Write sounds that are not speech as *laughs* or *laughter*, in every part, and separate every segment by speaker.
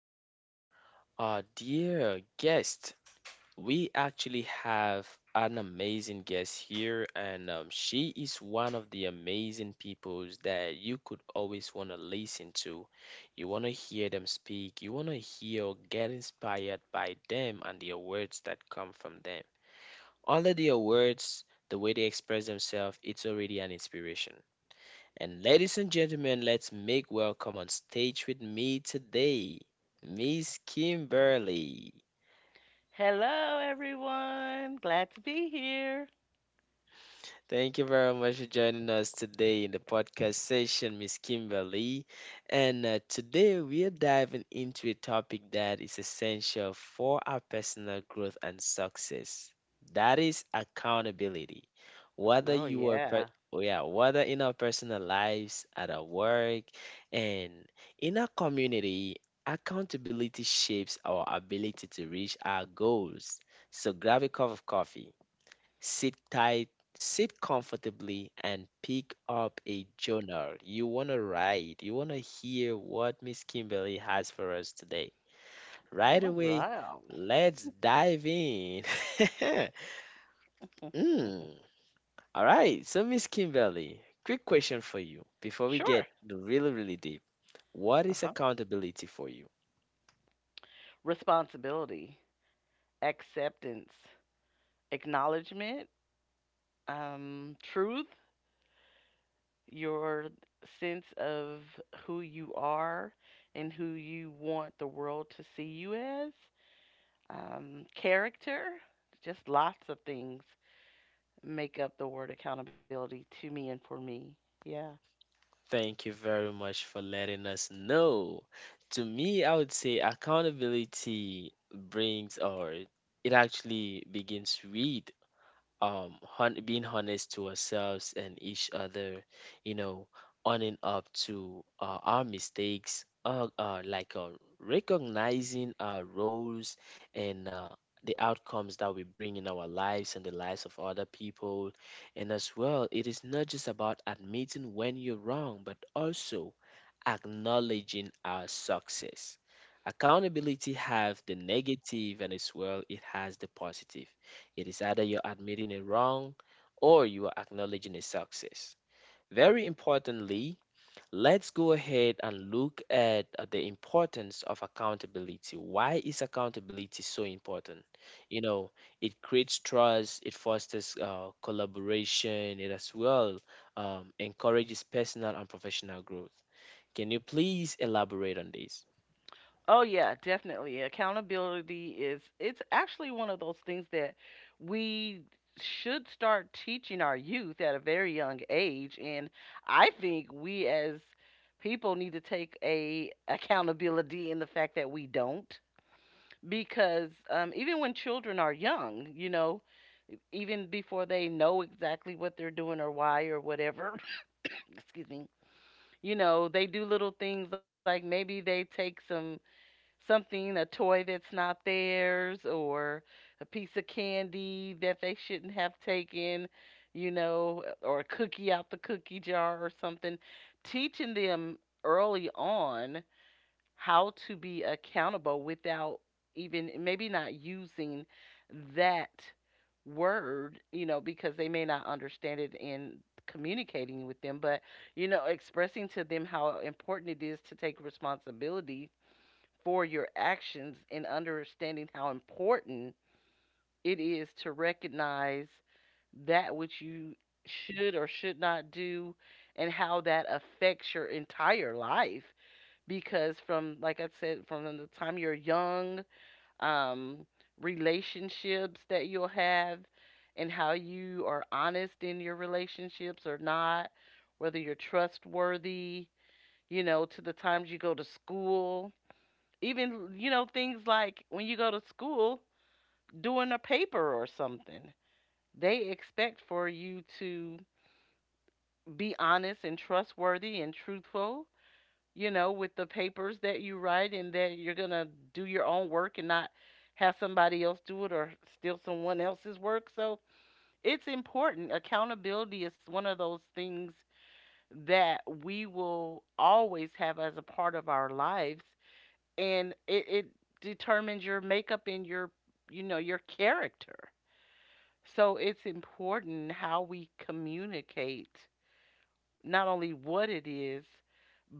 Speaker 1: gentlemen, our dear guest. We actually have an amazing guest here, and she is one of the amazing peoples that you could always want to listen to. You want to hear them speak, you want to hear or get inspired by them and their words that come from them. All of their words, the way they express themselves, it's already an inspiration. And ladies and gentlemen, let's make welcome on stage with me today, Miss Kimberly.
Speaker 2: Hello, everyone. Glad to be here.
Speaker 1: Thank you very much for joining us today in the podcast session, Miss Kimberly. And today we are diving into a topic that is essential for our personal growth and success. That is accountability.
Speaker 2: Oh,
Speaker 1: Whether you are
Speaker 2: yeah.
Speaker 1: per- Oh, yeah, whether in our personal lives, at our work, and in our community, accountability shapes our ability to reach our goals. So grab a cup of coffee. Sit tight, sit comfortably, and pick up a journal. You want to write, you want to hear what Miss Kimberly has for us today. Right
Speaker 2: All
Speaker 1: away,
Speaker 2: right.
Speaker 1: let's dive in. *laughs*
Speaker 2: *laughs*
Speaker 1: Mm. All right, so Miss Kimberly, quick question for you before we
Speaker 2: Sure.
Speaker 1: get really, really deep. What is
Speaker 2: Uh-huh.
Speaker 1: accountability for you?
Speaker 2: Responsibility, acceptance, acknowledgement, truth, your sense of who you are and who you want the world to see you as, character, just lots of things make up the word accountability to me and for me. Yeah.
Speaker 1: Thank you very much for letting us know. To me, I would say accountability brings, or it actually begins with being honest to ourselves and each other, you know owning up to our mistakes, like, recognizing our roles, and the outcomes that we bring in our lives and the lives of other people. And as well, it is not just about admitting when you're wrong but also acknowledging our success. Accountability have the negative and as well it has the positive. It is either you're admitting a wrong or you are acknowledging a success. Very importantly, let's go ahead and look at the importance of accountability. Why is accountability so important? You know, it creates trust, it fosters collaboration, it as well encourages personal and professional growth. Can you please elaborate on this?
Speaker 2: Oh yeah, definitely. Accountability is it's actually one of those things that we should start teaching our youth at a very young age, and I think we as people need to take a accountability in the fact that we don't, because even when children are young, you know, even before they know exactly what they're doing or why or whatever, *laughs* *coughs* excuse me, you know, they do little things like maybe they take something, a toy that's not theirs, or a piece of candy that they shouldn't have taken, you know, or a cookie out the cookie jar or something. Teaching them early on how to be accountable without even maybe not using that word, you know, because they may not understand it in communicating with them, but you know, expressing to them how important it is to take responsibility for your actions, and understanding how important it is to recognize that which you should or should not do and how that affects your entire life. Because from, like I said, from the time you're young, um relationships that you'll have and how you are honest in your relationships or not, whether you're trustworthy, you know, to the times you go to school. Even, you know, things like when you go to school doing a paper or something, they expect for you to be honest and trustworthy and truthful, you know, with the papers that you write and that you're going to do your own work and not have somebody else do it or steal someone else's work. So it's important. Accountability is one of those things that we will always have as a part of our lives, and it determines your makeup and your, you know, your character. So it's important how we communicate not only what it is,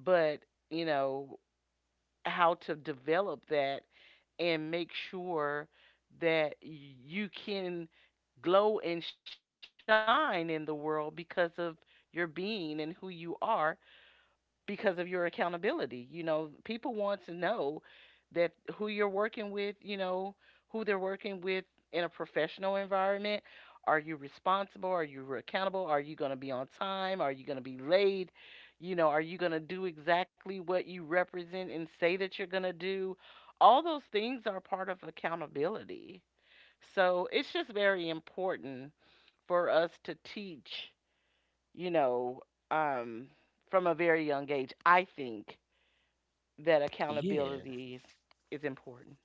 Speaker 2: but you know, how to develop that and make sure that you can glow and shine in the world because of your being and who you are, because of your accountability. You know, people want to know that who you're working with, you know, who they're working with in a professional environment. Are you responsible? Are you accountable? Are you going to be on time? Are you going to be late? You know, are you going to do exactly what you represent and say that you're going to do? All those things are part of accountability. So it's just very important for us to teach, you know, um, from a very young age, I think that
Speaker 1: Yeah.
Speaker 2: is important.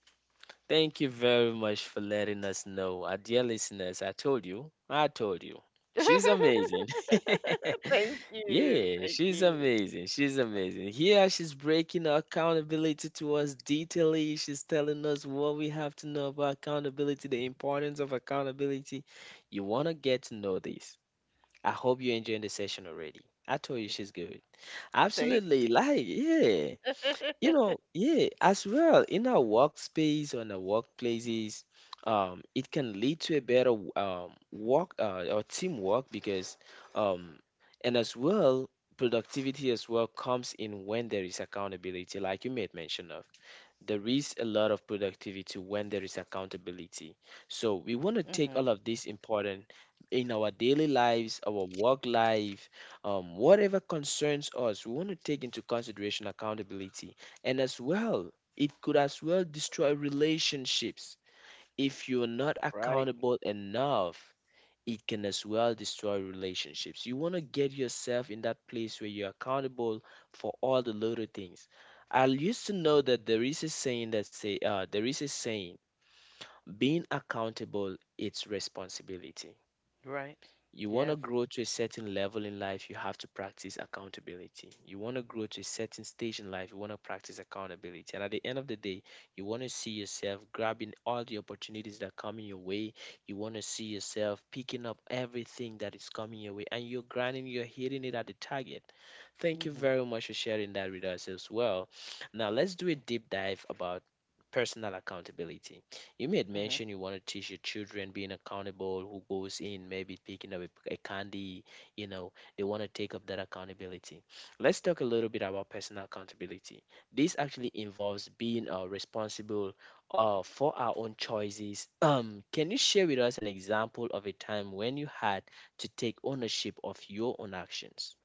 Speaker 1: Thank you very much for letting us know. Our dear listeners, I told you, I told you. She's
Speaker 2: *laughs*
Speaker 1: amazing. *laughs*
Speaker 2: thank you.
Speaker 1: Yeah,
Speaker 2: Thank
Speaker 1: she's
Speaker 2: you.
Speaker 1: amazing. She's amazing. Here, she's breaking our accountability to us detailedly. She's telling us what we have to know about accountability, the importance of accountability. You want to get to know this. I hope you're enjoying the session already. I told you she's good.
Speaker 2: Thank
Speaker 1: Absolutely.
Speaker 2: you.
Speaker 1: Like, yeah.
Speaker 2: *laughs*
Speaker 1: You know, yeah, as well in our workspace on our workplaces, it can lead to a better work or teamwork because, um, and as well, productivity as well comes in when there is accountability. Like you made mention of, there is a lot of productivity when there is accountability. So we want to
Speaker 2: hmm
Speaker 1: take all of this important in our daily lives, our work life, whatever concerns us, we want to take into consideration accountability. And as well, it could as well destroy relationships. If you're not
Speaker 2: Right.
Speaker 1: accountable enough, it can as well destroy relationships. You want to get yourself in that place where you're accountable for all the little things. I used to know that there is a saying that say, there is a saying being accountable, it's responsibility.
Speaker 2: Right.
Speaker 1: You want to
Speaker 2: Yes.
Speaker 1: grow to a certain level in life, you have to practice accountability. You want to grow to a certain stage in life, you want to practice accountability. And at the end of the day, you want to see yourself grabbing all the opportunities that come in your way. You want to see yourself picking up everything that is coming your way, and you're grinding, you're hitting it at the target. Thank you
Speaker 2: hmm
Speaker 1: very much for sharing that with us as well. Now, let's do a deep dive about personal accountability. You made
Speaker 2: hmm
Speaker 1: mention you want to teach your children being accountable, who goes in, maybe picking up a, candy, they want to take up that accountability. Let's talk a little bit about personal accountability. This actually involves being responsible for our own choices. Can you share with us an example of a time when you had to take ownership of your own actions?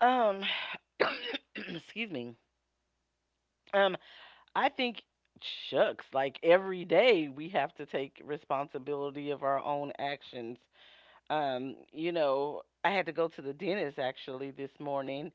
Speaker 2: Um, *coughs* excuse me. Um, I think shucks, like every day we have to take responsibility of our own actions. You know, I had to go to the dentist actually this morning,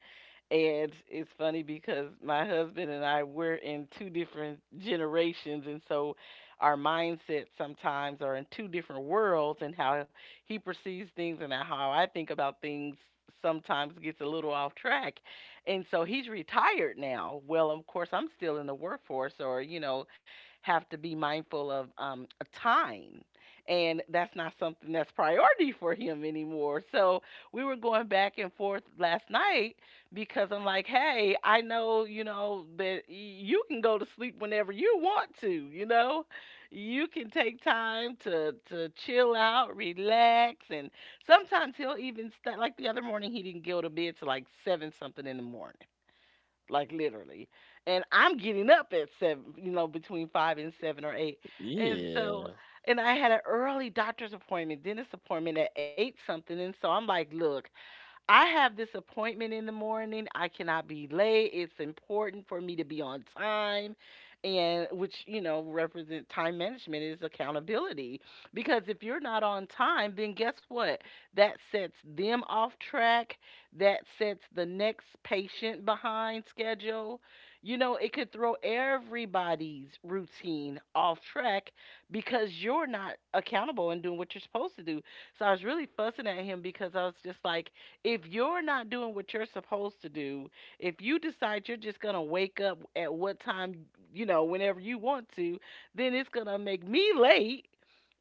Speaker 2: and it's funny because my husband and I, we're in two different generations, and so our mindsets sometimes are in two different worlds, and how he perceives things and how I think about things sometimes gets a little off track. And so he's retired now. Well, of course I'm still in the workforce, or you know, have to be mindful of a time. And that's not something that's priority for him anymore. So we were going back and forth last night, because I'm like, hey, I know, you know, that you can go to sleep whenever you want to, you know? You can take time to chill out, relax, and sometimes he'll even like the other morning, he didn't go to bed till like 7 something in the morning, like literally. And I'm getting up at 7, you know, between 5 and 7 or 8. And so
Speaker 1: Yeah,
Speaker 2: and I had an early doctor's appointment, dentist appointment at 8 something, and so I'm like, look, I have this appointment in the morning. I cannot be late. It's important for me to be on time. And which, you know, represent time management is accountability. Because if you're not on time, then guess what? That sets them off track. That sets the next patient behind schedule. You know, it could throw everybody's routine off track because you're not accountable and doing what you're supposed to do. So I was really fussing at him because I was just like, if you're not doing what you're supposed to do, if you decide you're just going to wake up at what time, you know, whenever you want to, then it's going to make me late,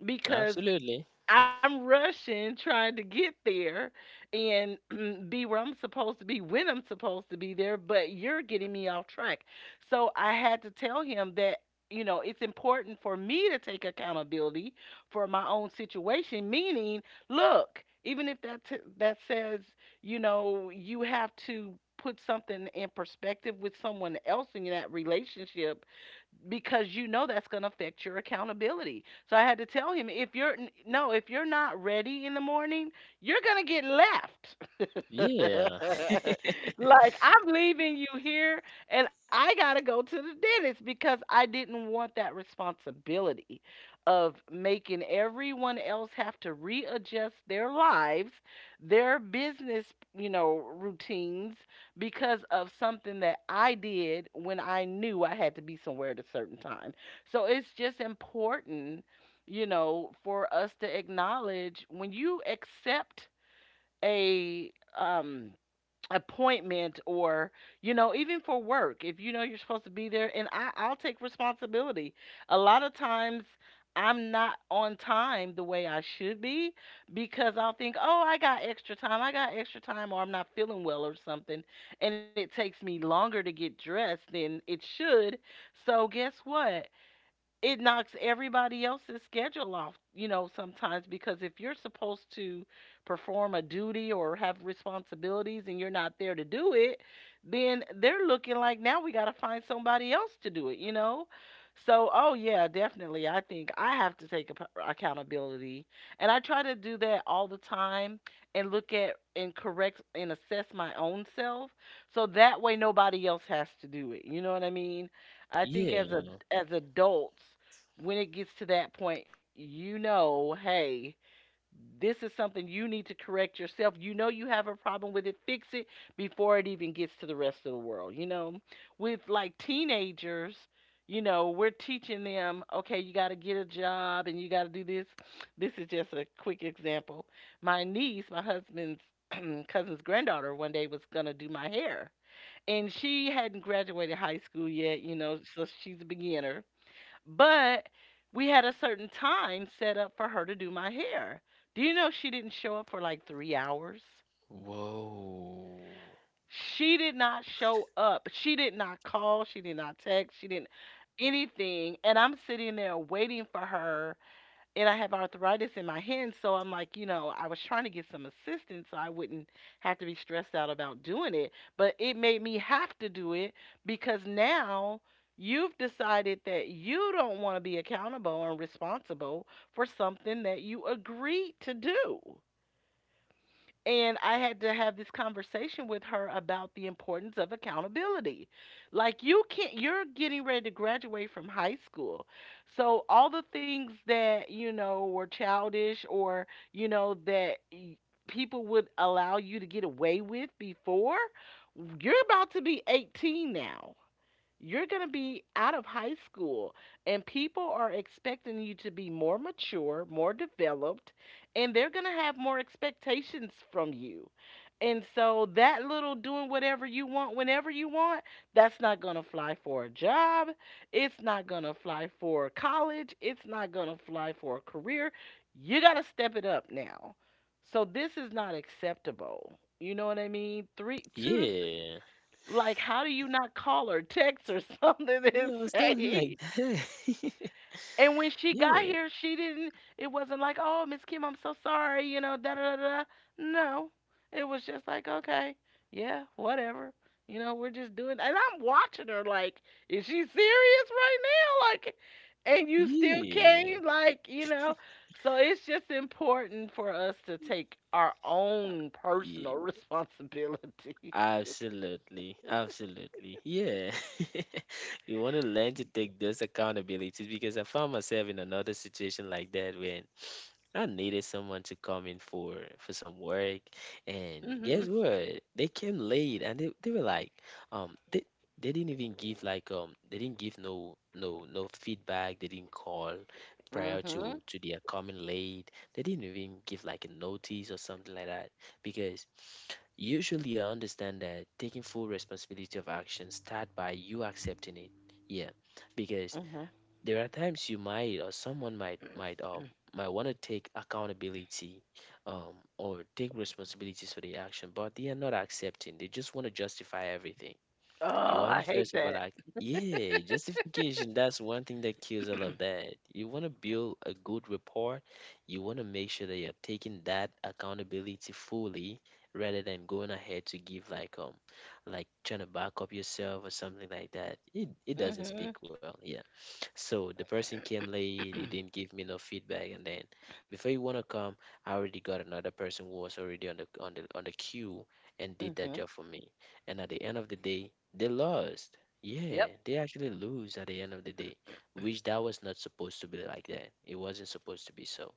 Speaker 2: because
Speaker 1: absolutely.
Speaker 2: I'm rushing trying to get there and *clears throat* be where I'm supposed to be when I'm supposed to be there, but you're getting me off track. So I had to tell him that, you know, it's important for me to take accountability for my own situation, meaning, look, even if that says, you know, you have to put something in perspective with someone else in that relationship because you know that's going to affect your accountability. So I had to tell him, if you're n- no, if you're not ready in the morning, you're going to get left.
Speaker 1: Yeah,
Speaker 2: *laughs* Like, I'm leaving you here and I got to go to the dentist, because I didn't want that responsibility of making everyone else have to readjust their lives, their business, you know, routines, because of something that I did when I knew I had to be somewhere at a certain time. So it's just important, you know, for us to acknowledge when you accept a um appointment, or you know, even for work, if you know you're supposed to be there. And I'll take responsibility. A lot of times I'm not on time the way I should be, because I'll think, oh, I got extra time, or I'm not feeling well or something, and it takes me longer to get dressed than it should. So guess what, it knocks everybody else's schedule off, you know, sometimes, because if you're supposed to perform a duty or have responsibilities and you're not there to do it, then they're looking like, now we got to find somebody else to do it, you know? So, oh yeah, definitely. I think I have to take accountability. And I try to do that all the time, and look at and correct and assess my own self so that way nobody else has to do it. You know what I mean? I think
Speaker 1: yeah.
Speaker 2: as adults, when it gets to that point, you know, hey, this is something you need to correct yourself. You know you have a problem with it, fix it before it even gets to the rest of the world. You know, with like teenagers, you know, we're teaching them, okay, you got to get a job and you got to do this. This is just a quick example. My niece, my husband's *clears throat* cousin's granddaughter, one day was going to do my hair, and she hadn't graduated high school yet, you know, so she's a beginner, but we had a certain time set up for her to do my hair. Do you know she didn't show up for like 3 hours?
Speaker 1: Whoa.
Speaker 2: She did not show up. She did not call. She did not text. She didn't anything. And I'm sitting there waiting for her, and I have arthritis in my hands, so I'm like, you know, I was trying to get some assistance so I wouldn't have to be stressed out about doing it, but it made me have to do it because now you've decided that you don't want to be accountable and responsible for something that you agreed to do. And I had to have this conversation with her about the importance of accountability. Like, you can't you're getting ready to graduate from high school. So all the things that, you know, were childish, or you know, that people would allow you to get away with before, you're about to be 18 now. You're going to be out of high school, and people are expecting you to be more mature, more developed, and they're going to have more expectations from you. And so, that little doing whatever you want, whenever you want, that's not going to fly for a job. It's not going to fly for college. It's not going to fly for a career. You got to step it up now. So, this is not acceptable. You know what I mean? Three, two to
Speaker 1: Yeah.
Speaker 2: like, how do you not call her, text or *laughs* something and
Speaker 1: Yeah, something like
Speaker 2: say
Speaker 1: that. *laughs*
Speaker 2: and when she got
Speaker 1: Yeah,
Speaker 2: here, she didn't it wasn't like, "Oh, Miss Kim, I'm so sorry," you know, da da da da. No. It was just like, "Okay. Yeah, whatever." We're just doing and I'm watching her like, "Is she serious right now?" Like and you still
Speaker 1: yeah,
Speaker 2: came. So it's just important for us to take our own
Speaker 1: yeah.
Speaker 2: personal *laughs* responsibilities.
Speaker 1: Absolutely, absolutely. Yeah. *laughs* You want to learn to take
Speaker 2: *laughs*
Speaker 1: those accountabilities, because I found myself in another situation like that when I needed someone to come in for some work, and guess
Speaker 2: Mhm.
Speaker 1: what? They came late, and they were like, um, they they didn't even give like they didn't give no no no feedback. They didn't call prior
Speaker 2: Mhm.
Speaker 1: to their coming late. They didn't even give like a notice or something like that, because usually I understand that taking full responsibility of action start by you accepting it. Yeah, because
Speaker 2: Mhm.
Speaker 1: there are times you might, or someone might want to take accountability, or take responsibilities for the action, but they are not accepting, they just want to justify everything.
Speaker 2: Oh,
Speaker 1: You want
Speaker 2: I
Speaker 1: to
Speaker 2: hate
Speaker 1: first of all,
Speaker 2: that.
Speaker 1: like, yeah, justification, that's one thing that kills all of that. You want to build a good rapport, you want to make sure that you're taking that accountability fully rather than going ahead to give like, like trying to back up yourself or something like that, it doesn't speak
Speaker 2: Mhm.
Speaker 1: well, yeah. So the person came late, he didn't
Speaker 2: *clears throat*
Speaker 1: give me no feedback, and then before you wanna come, I already got another person who was already on the queue and did that
Speaker 2: Mhm.
Speaker 1: job for me. And at the end of the day, they lost. Yeah,
Speaker 2: Yep.
Speaker 1: they actually lose at the end of the day, which that was not supposed to be like that. It wasn't supposed to be so.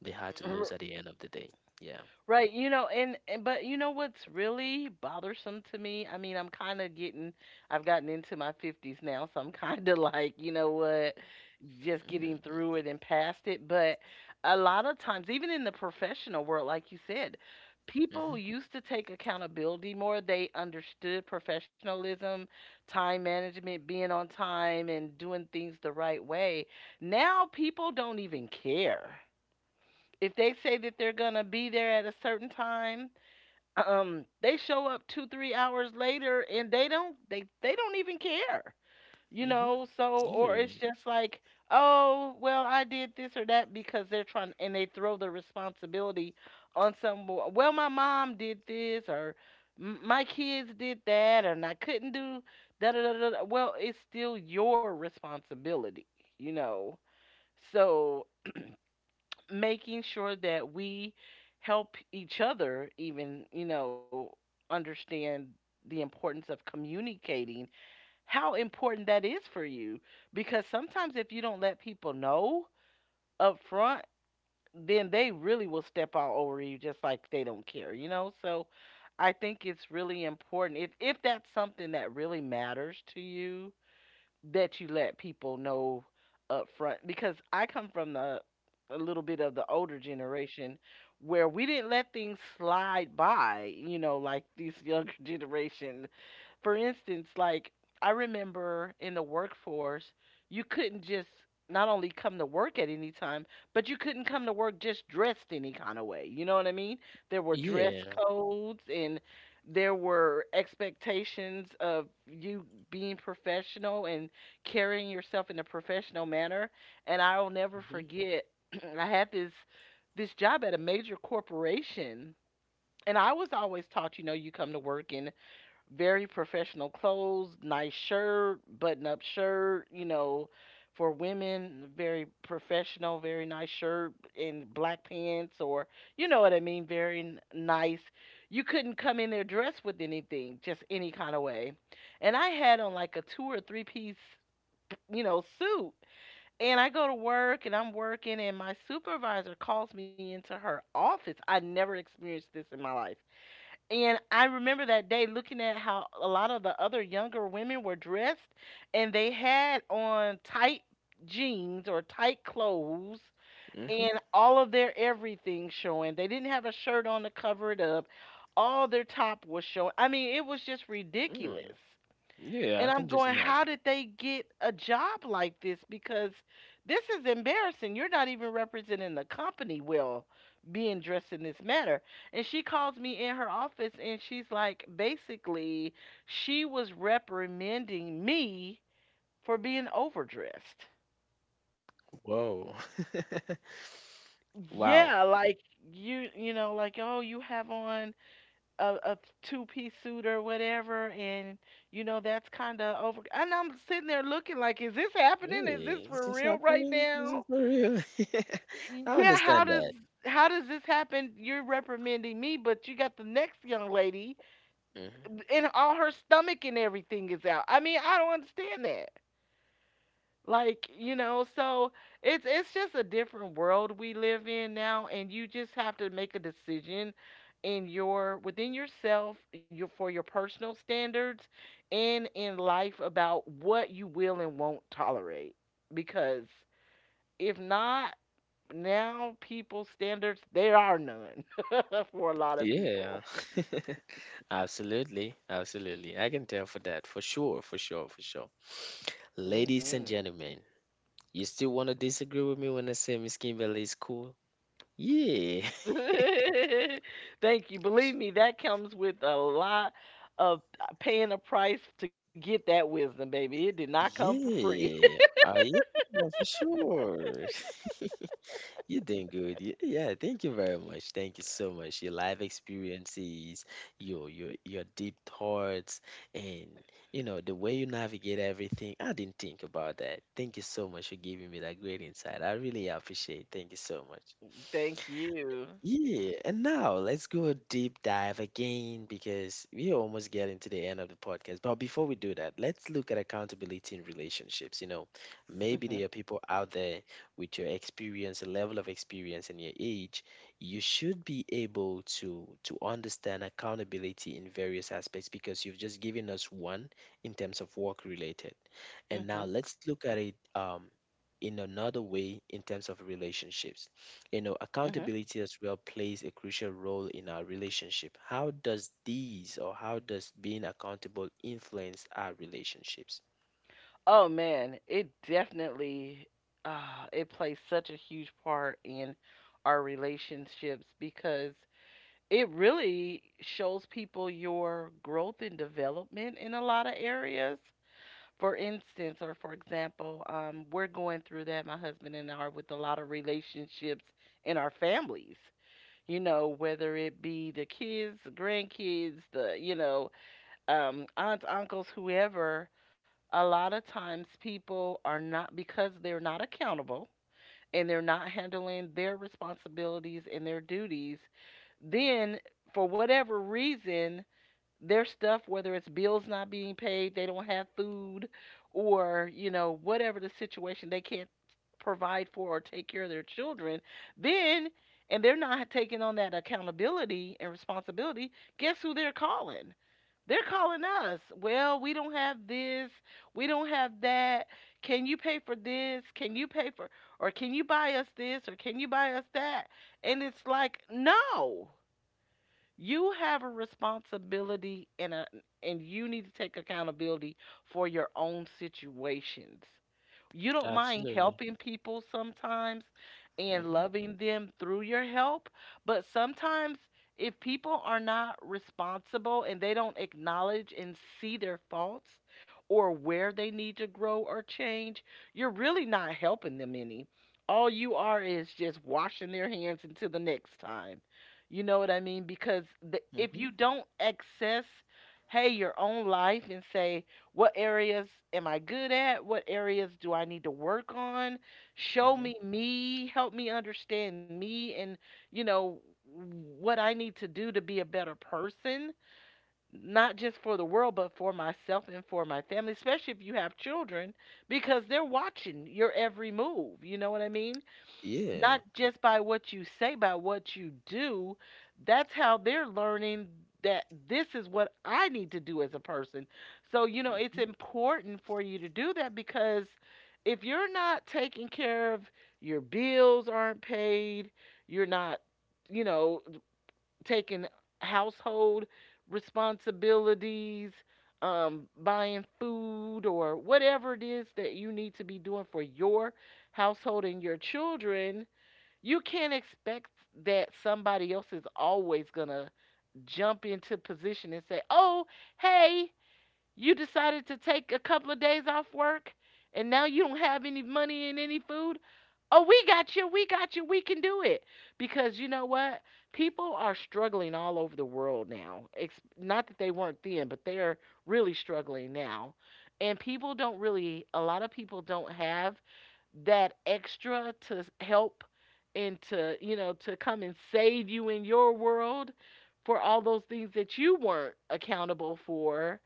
Speaker 1: They had to lose at
Speaker 2: *clears throat*
Speaker 1: the end of the day. Yeah.
Speaker 2: Right, you know, and but you know what's really bothersome to me? I mean, I'm kind of getting, I've gotten into my 50s now, so I'm kind of *laughs* like, you know what, just
Speaker 1: Mm-hmm.
Speaker 2: getting through it and past it. But a lot of times, even in the professional world, like you said,
Speaker 1: Mm-hmm.
Speaker 2: people used to take accountability more. They understood professionalism, time management, being on time, and doing things the right way. Now people don't even care if they say that they're gonna be there at a certain time, they show up 2, 3 hours later and they don't even care, you
Speaker 1: Mm-hmm.
Speaker 2: know. So or it's
Speaker 1: Yeah.
Speaker 2: just like, oh well, I did this or that because they're trying and they throw the responsibility on some. Well, my mom did this or "My kids did that and I couldn't do da da da da. Da." Well, it's still your responsibility, you know. So making sure that we help each other even understand the importance of communicating how important that is for you, because sometimes if you don't let people know up front, then they really will step all over you just like they don't care. So I think it's really important, if that's something that really matters to you, that you let people know up front, because I come from the a little bit of the older generation where we didn't let things slide by, you know, like these younger *laughs* generation. For instance, like I remember in the workforce, you couldn't just not only come to work at any time, but you couldn't come to work just dressed any kind of way. You know what I mean? There were dress
Speaker 1: Yeah.
Speaker 2: codes and there were expectations of you being professional and carrying yourself in a professional manner. And I'll never
Speaker 1: Mm-hmm.
Speaker 2: forget, *clears throat* I had this job at a major corporation, and I was always taught, you know, you come to work in very professional clothes, nice shirt, button up shirt, you know, for women, very professional, very nice shirt and black pants, or you know what I mean, very nice. You couldn't come in there dressed with anything, just any kind of way. And I had on like a two or three piece, you know, suit. And I go to work and I'm working, and my supervisor calls me into her office. I never experienced this in my life, and I remember that day looking at how a lot of the other younger women were dressed, and they had on tight jeans or tight clothes
Speaker 1: Mm-hmm.
Speaker 2: and all of their everything showing. They didn't have a shirt on to cover it up. All their top was showing. I mean, it was just ridiculous.
Speaker 1: Mm. Yeah,
Speaker 2: And
Speaker 1: I can
Speaker 2: I'm
Speaker 1: just
Speaker 2: going, how
Speaker 1: imagine.
Speaker 2: did they get a job like this? Because this is embarrassing. You're not even representing the company well, being dressed in this manner. And she calls me in her office and she's like, basically, she was reprimanding me for being overdressed.
Speaker 1: Whoa. *laughs* Wow.
Speaker 2: Yeah, like you know, like, oh, you have on a two-piece suit or whatever, and you know, that's kind of over. And I'm sitting there looking like, is this happening? Is this
Speaker 1: Really? Is
Speaker 2: for
Speaker 1: this
Speaker 2: real right
Speaker 1: happening? Is
Speaker 2: now?
Speaker 1: it for real? *laughs* I
Speaker 2: Yeah, how
Speaker 1: understand
Speaker 2: does
Speaker 1: that.
Speaker 2: how does this happen? You're reprimanding me, but you got the next young lady,
Speaker 1: Hmm.
Speaker 2: and all her stomach and everything is out. I mean, I don't understand that. Like, you know, so it's just a different world we live in now, and you just have to make a decision in your within yourself, your for your personal standards and in life, about what you will and won't tolerate. Because if not, now people's standards, there are none *laughs* for a lot of
Speaker 1: Yeah,
Speaker 2: people.
Speaker 1: absolutely. Absolutely. I can tell for that. For sure. For sure. For sure. Ladies and
Speaker 2: Hmm.
Speaker 1: gentlemen, you still want to disagree with me when I say Miss Kimberly is cool? Yeah.
Speaker 2: *laughs* Thank you.
Speaker 1: *laughs* Sh-
Speaker 2: Believe me, that comes with a lot of paying a price to get that wisdom, baby. It did not come for free.
Speaker 1: Yeah. I am. For sure. *laughs* You're doing good. Yeah, thank you very much. Thank you so much. Your life experiences, your deep thoughts, and you know the way you navigate everything. I didn't think about that. Thank you so much for giving me that great insight. I really appreciate it. Thank you so much.
Speaker 2: *laughs* Thank you.
Speaker 1: Yeah, and now let's go a deep dive again, because we're almost getting to the end of the podcast. But before we do that, let's look at accountability in relationships. You know, maybe there are
Speaker 2: Hmm.
Speaker 1: people out there with your experience, your level of experience, and your age. You should be able to understand accountability in various aspects, because you've just given us one in terms of work related. And now
Speaker 2: Hmm.
Speaker 1: let's look at it in another way in terms of relationships. You know,
Speaker 2: Hmm.
Speaker 1: accountability as well plays a crucial role in our relationship. How does these, or how does being accountable influence our relationships?
Speaker 2: Oh man, it definitely it plays such a huge part in our relationships, because it really shows people your growth and development in a lot of areas. For instance, or for example, we're going through that, my husband and I, are with a lot of relationships in our families. You know, whether it be the kids, the grandkids, aunts, uncles, whoever, a lot of times people are not, because they're not accountable and they're not handling their responsibilities and their duties, then, for whatever reason, their stuff, whether it's bills not being paid, they don't have food, or, you know, whatever the situation, they can't provide for or take care of their children, then, and they're not taking on that accountability and responsibility, guess who they're calling? They're calling us. Well, we don't have this. We don't have that. Can you pay for this? Can you pay for, or can you buy us this? Or can you buy us that? And it's like, no. You have a responsibility and you need to take accountability for your own situations. You don't mind
Speaker 1: Absolutely.
Speaker 2: helping people sometimes and
Speaker 1: Mhm.
Speaker 2: loving them through your help, but sometimes if people are not responsible and they don't acknowledge and see their faults or where they need to grow or change, you're really not helping them any. All you are is just washing their hands until the next time. You know what I mean? Because if
Speaker 1: Mhm.
Speaker 2: you don't access, hey, your own life and say, what areas am I good at? What areas do I need to work on? Show
Speaker 1: Mhm.
Speaker 2: me, help me understand me, and, you know, what I need to do to be a better person, not just for the world, but for myself and for my family, especially if you have children, because they're watching your every move. You know what I mean?
Speaker 1: Yeah.
Speaker 2: Not just by what you say, by what you do. That's how they're learning that this is what I need to do as a person. So, you know, it's
Speaker 1: Mhm.
Speaker 2: important for you to do that, because if you're not taking care of, your bills aren't paid, you're not, you know, taking household responsibilities, buying food or whatever it is that you need to be doing for your household and your children, you can't expect that somebody else is always going to jump into position and say, "Oh, hey, you decided to take a couple of days off work, and now you don't have any money and any food. Oh, we got you. We got you. We can do it." Because you know what? People are struggling all over the world now. It's not that they weren't then, but they are really struggling now. And people don't really, a lot of people don't have that extra to help, and to, come and save you in your world for all those things that you weren't accountable for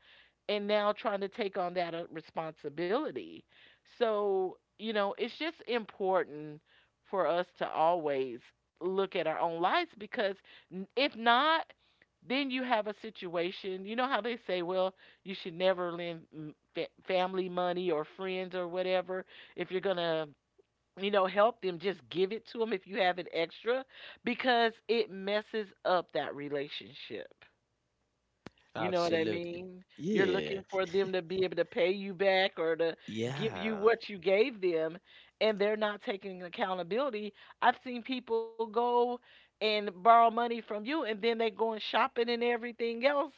Speaker 2: and now trying to take on that responsibility. So, you know, it's just important for us to always look at our own lives, because if not, then you have a situation. You know how they say, well, you should never lend family money, or friends, or whatever. If you're going to, help them, just give it to them if you have an extra, because it messes up that relationship. You know what I
Speaker 1: Absolutely.
Speaker 2: mean? You're
Speaker 1: Yeah,
Speaker 2: looking for them to be able to pay you back, or to give you
Speaker 1: yeah.
Speaker 2: what you gave them, and they're not taking accountability. I've seen people go and borrow money from you, and then they go and shopping and everything else,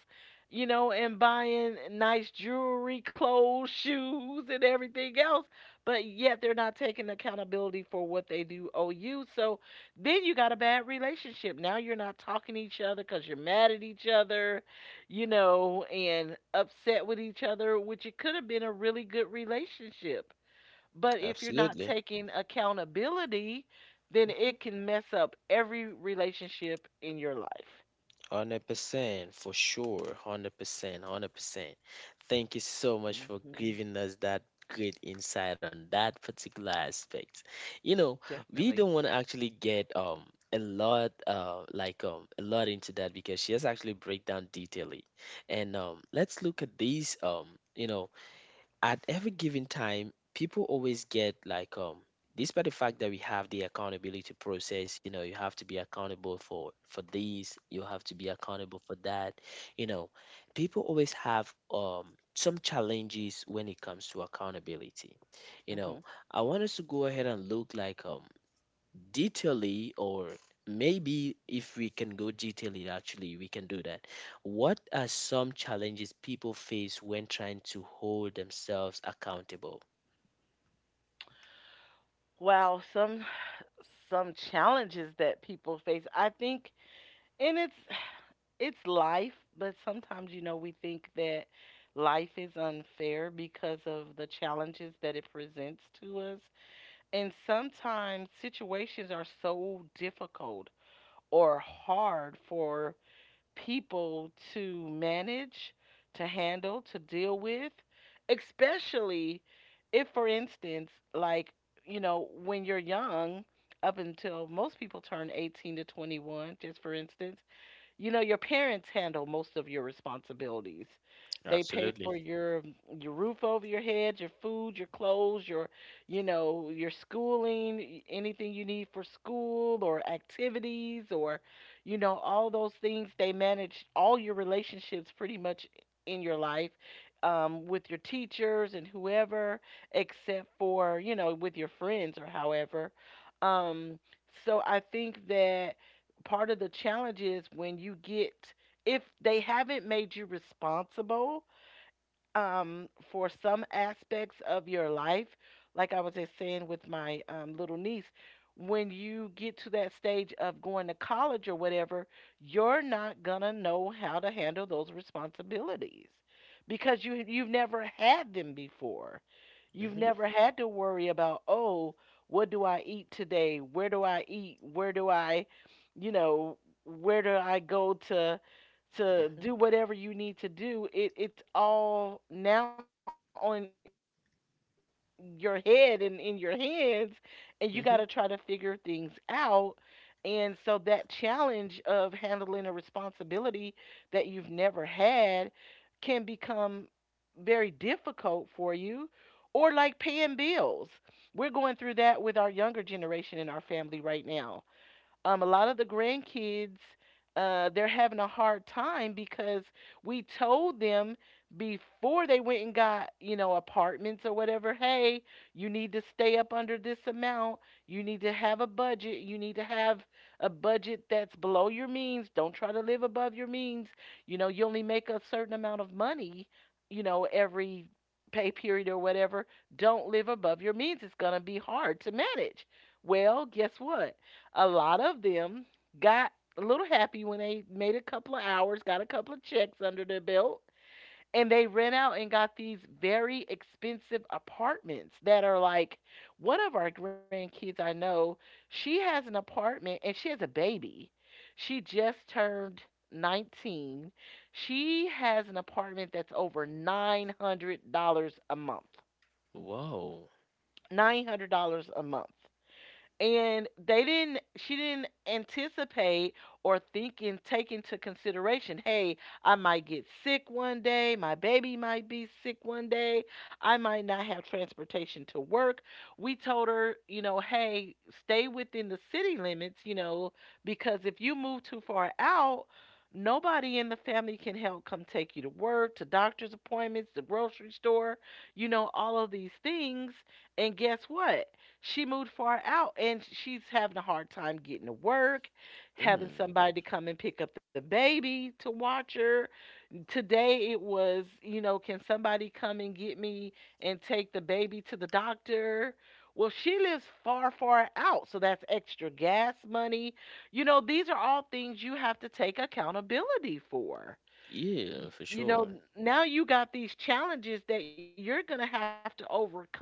Speaker 2: you know, and buying nice jewelry, clothes, shoes, and everything else, but yet they're not taking accountability for what they do owe you. So then you got a bad relationship. Now you're not talking to each other because you're mad at each other, and upset with each other, which it could have been a really good relationship. But if you're not
Speaker 1: Absolutely.
Speaker 2: taking accountability, then it can mess up every relationship in your life.
Speaker 1: 100% for sure. 100%. 100%. Thank you so much for
Speaker 2: Hmm.
Speaker 1: giving us that great insight on that particular aspect. You know, we
Speaker 2: Definitely.
Speaker 1: don't want to actually get, a lot, like, a lot into that, because she has actually break down detailedly. And let's look at these, you know at every given time, people always get like, despite the fact that we have the accountability process, you know, you have to be accountable for these, you have to be accountable for that, you know, people always have some challenges when it comes to accountability. You know,
Speaker 2: Hmm.
Speaker 1: I want us to go ahead and look like, detailedly, or maybe if we can go detailedly, actually we can do that. What are some challenges people face when trying to hold themselves accountable?
Speaker 2: Wow, some challenges that people face. I think, and it's life, but sometimes you know we think that life is unfair because of the challenges that it presents to us. And sometimes situations are so difficult or hard for people to manage, to handle, to deal with, especially if, for instance, like, you know, when you're young, up until most people turn 18 to 21, just for instance, you know, your parents handle most of your responsibilities. They pay for
Speaker 1: Absolutely.
Speaker 2: your roof over your head, your food, your clothes, your, you know, your schooling, anything you need for school or activities or, you know, all those things. They manage all your relationships pretty much in your life. With your teachers and whoever, except for, you know, with your friends or however. Um, so I think that part of the challenge is when you get, if they haven't made you responsible for some aspects of your life, like I was just saying with my little niece. When you get to that stage of going to college or whatever, you're not gonna know how to handle those responsibilities because you've never had them before. You've
Speaker 1: Hmm.
Speaker 2: never had to worry about, oh, what do I eat today? Where do I eat? Where do I, you know, where do I go to? To
Speaker 1: Hmm.
Speaker 2: do whatever you need to do. It's all now on your head and in your hands, and you
Speaker 1: Hmm.
Speaker 2: got to try to figure things out. And so that challenge of handling a responsibility that you've never had can become very difficult for you, or like paying bills. We're going through that with our younger generation in our family right now. A lot of the grandkids, they're having a hard time because we told them before they went and got, you know, apartments or whatever, hey, you need to stay up under this amount, you need to have a budget, you need to have a budget that's below your means. Don't try to live above your means. You know, you only make a certain amount of money, you know, every pay period or whatever. Don't live above your means, it's going to be hard to manage. Well, guess what, a lot of them got a little happy when they made a couple of hours, got a couple of checks under their belt, and they rent out and got these very expensive apartments that are like, one of our grandkids I know, she has an apartment and she has a baby. She just turned 19. She has an apartment that's over $900 a month.
Speaker 1: Wow.
Speaker 2: $900 a month, and they didn't she didn't anticipate or think and take into consideration, hey, I might get sick one day, my baby might be sick one day, I might not have transportation to work. We told her, you know, hey, stay within the city limits, you know, because if you move too far out, nobody in the family can help come take you to work, to doctor's appointments, the grocery store, you know, all of these things. And guess what, she moved far out, and she's having a hard time getting to work, having
Speaker 1: Mm,
Speaker 2: somebody to come and pick up the baby to watch her. Today it was, you know, can somebody come and get me and take the baby to the doctor? Well, she lives far, far out, so that's extra gas money. You know, these are all things you have to take accountability for.
Speaker 1: yeah, for
Speaker 2: You know,
Speaker 1: sure.
Speaker 2: now you got these challenges that you're going to have to overcome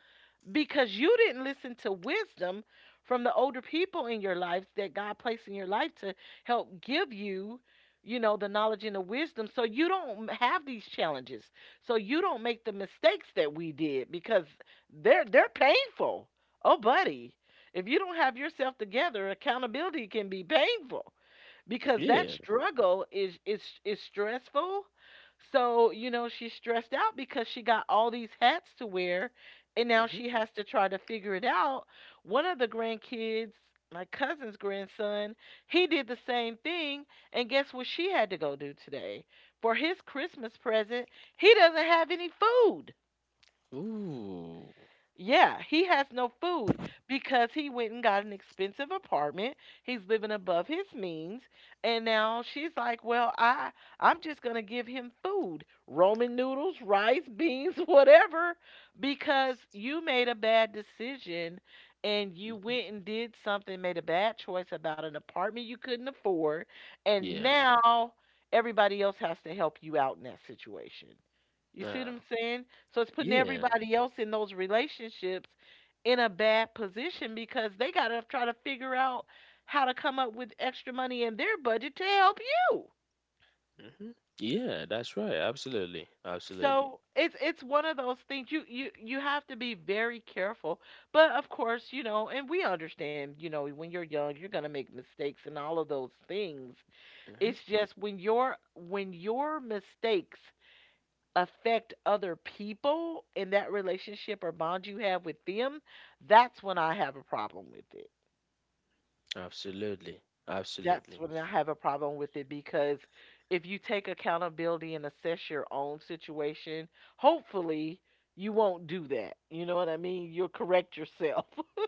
Speaker 2: because you didn't listen to wisdom from the older people in your life that God placed in your life to help give you, you know, the knowledge and the wisdom, so you don't have these challenges, so you don't make the mistakes that we did, because they're painful. Oh buddy, if you don't have yourself together, accountability can be painful because that
Speaker 1: Yeah.
Speaker 2: struggle is stressful. So, you know, she's stressed out because she got all these hats to wear, and now
Speaker 1: Hmm.
Speaker 2: she has to try to figure it out. One of the grandkids, my cousin's grandson, he did the same thing, and guess what she had to go do today? For his Christmas present, he doesn't have any food.
Speaker 1: Ooh.
Speaker 2: Yeah, he has no food because he went and got an expensive apartment. He's living above his means, and now she's like, "Well, I'm just going to give him food, Roman noodles, rice, beans, *laughs* whatever, because you made a bad decision, and you went
Speaker 1: Hmm.
Speaker 2: and did something, made a bad choice about an apartment you couldn't afford, and
Speaker 1: Yeah.
Speaker 2: now everybody else has to help you out in that situation." You see what
Speaker 1: uh,
Speaker 2: I'm saying? So it's putting
Speaker 1: yeah.
Speaker 2: everybody else in those relationships in a bad position because they got to try to figure out how to come up with extra money in their budget to help you.
Speaker 1: Hmm. Yeah, that's right. Absolutely. Absolutely.
Speaker 2: So it's one of those things, you have to be very careful. But of course, you know, and we understand, you know, when you're young, you're going to make mistakes and all of those things.
Speaker 1: Hmm.
Speaker 2: It's just when your mistakes affect other people in that relationship or bond you have with them, that's when I have a problem with it.
Speaker 1: Absolutely.
Speaker 2: That's
Speaker 1: Absolutely.
Speaker 2: when I have a problem with it because if you take accountability and assess your own situation, hopefully you won't do that. You know what I mean? You'll correct yourself. *laughs*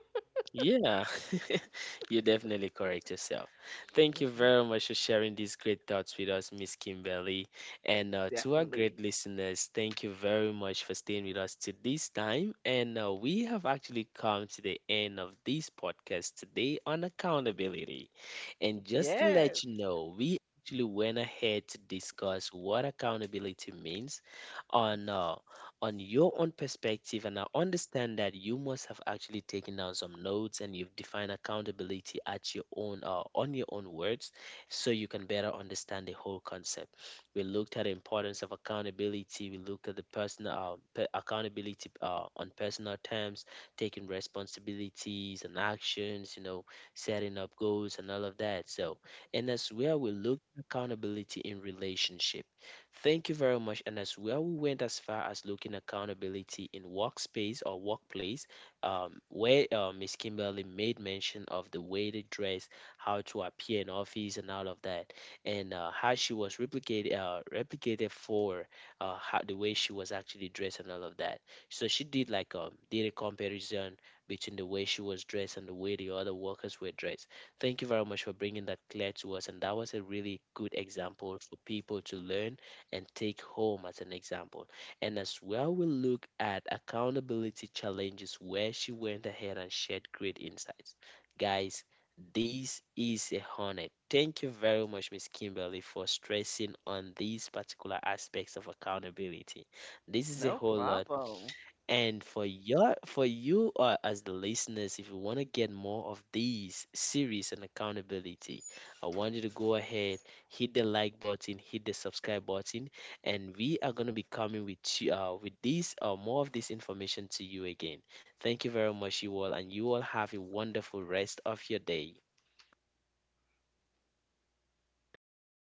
Speaker 1: Yeah, *laughs* you definitely correct yourself. Thank you
Speaker 2: Mhm.
Speaker 1: very much for sharing these great thoughts with us, Miss Kimberly. And to our
Speaker 2: Definitely.
Speaker 1: great listeners, thank you very much for staying with us to this time. And we have actually come to the end of this podcast today on accountability. And just to let
Speaker 2: Yes.
Speaker 1: you know, we actually went ahead to discuss what accountability means, on uh, on your own perspective. And I understand that you must have actually taken down some notes, and you've defined accountability at your own on your own words, so you can better understand the whole concept. We looked at the importance of accountability. We looked at the personal, accountability on personal terms, taking responsibilities and actions, setting up goals and all of that. So, and as well, we looked at accountability in relationship. Thank you very much. And as well, we went as far as looking accountability in workspace or workplace, where Miss Kimberly made mention of the way they dress, how to appear in office, and all of that, and how she was replicated for, the way she was actually dressed and all of that. So she did like, did a comparison between the way she was dressed and the way the other workers were dressed. Thank you very much for bringing that clear to us, and that was a really good example for people to learn and take home as an example. And as well, we'll look at accountability challenges, where she went ahead and shared great insights. Guys, this is a honor. Thank you very much, Miss Kimberly, for stressing on these particular aspects of accountability. This is a
Speaker 2: No
Speaker 1: whole lot,
Speaker 2: problem.
Speaker 1: and for you as the listeners, if you want to get more of these series and accountability, I want you to go ahead, hit the like button, hit the subscribe button, and we are gonna be coming with you, with this, more of this information to you again. Thank you very much, you all, and you all have a wonderful rest of your day.
Speaker 2: Thank you.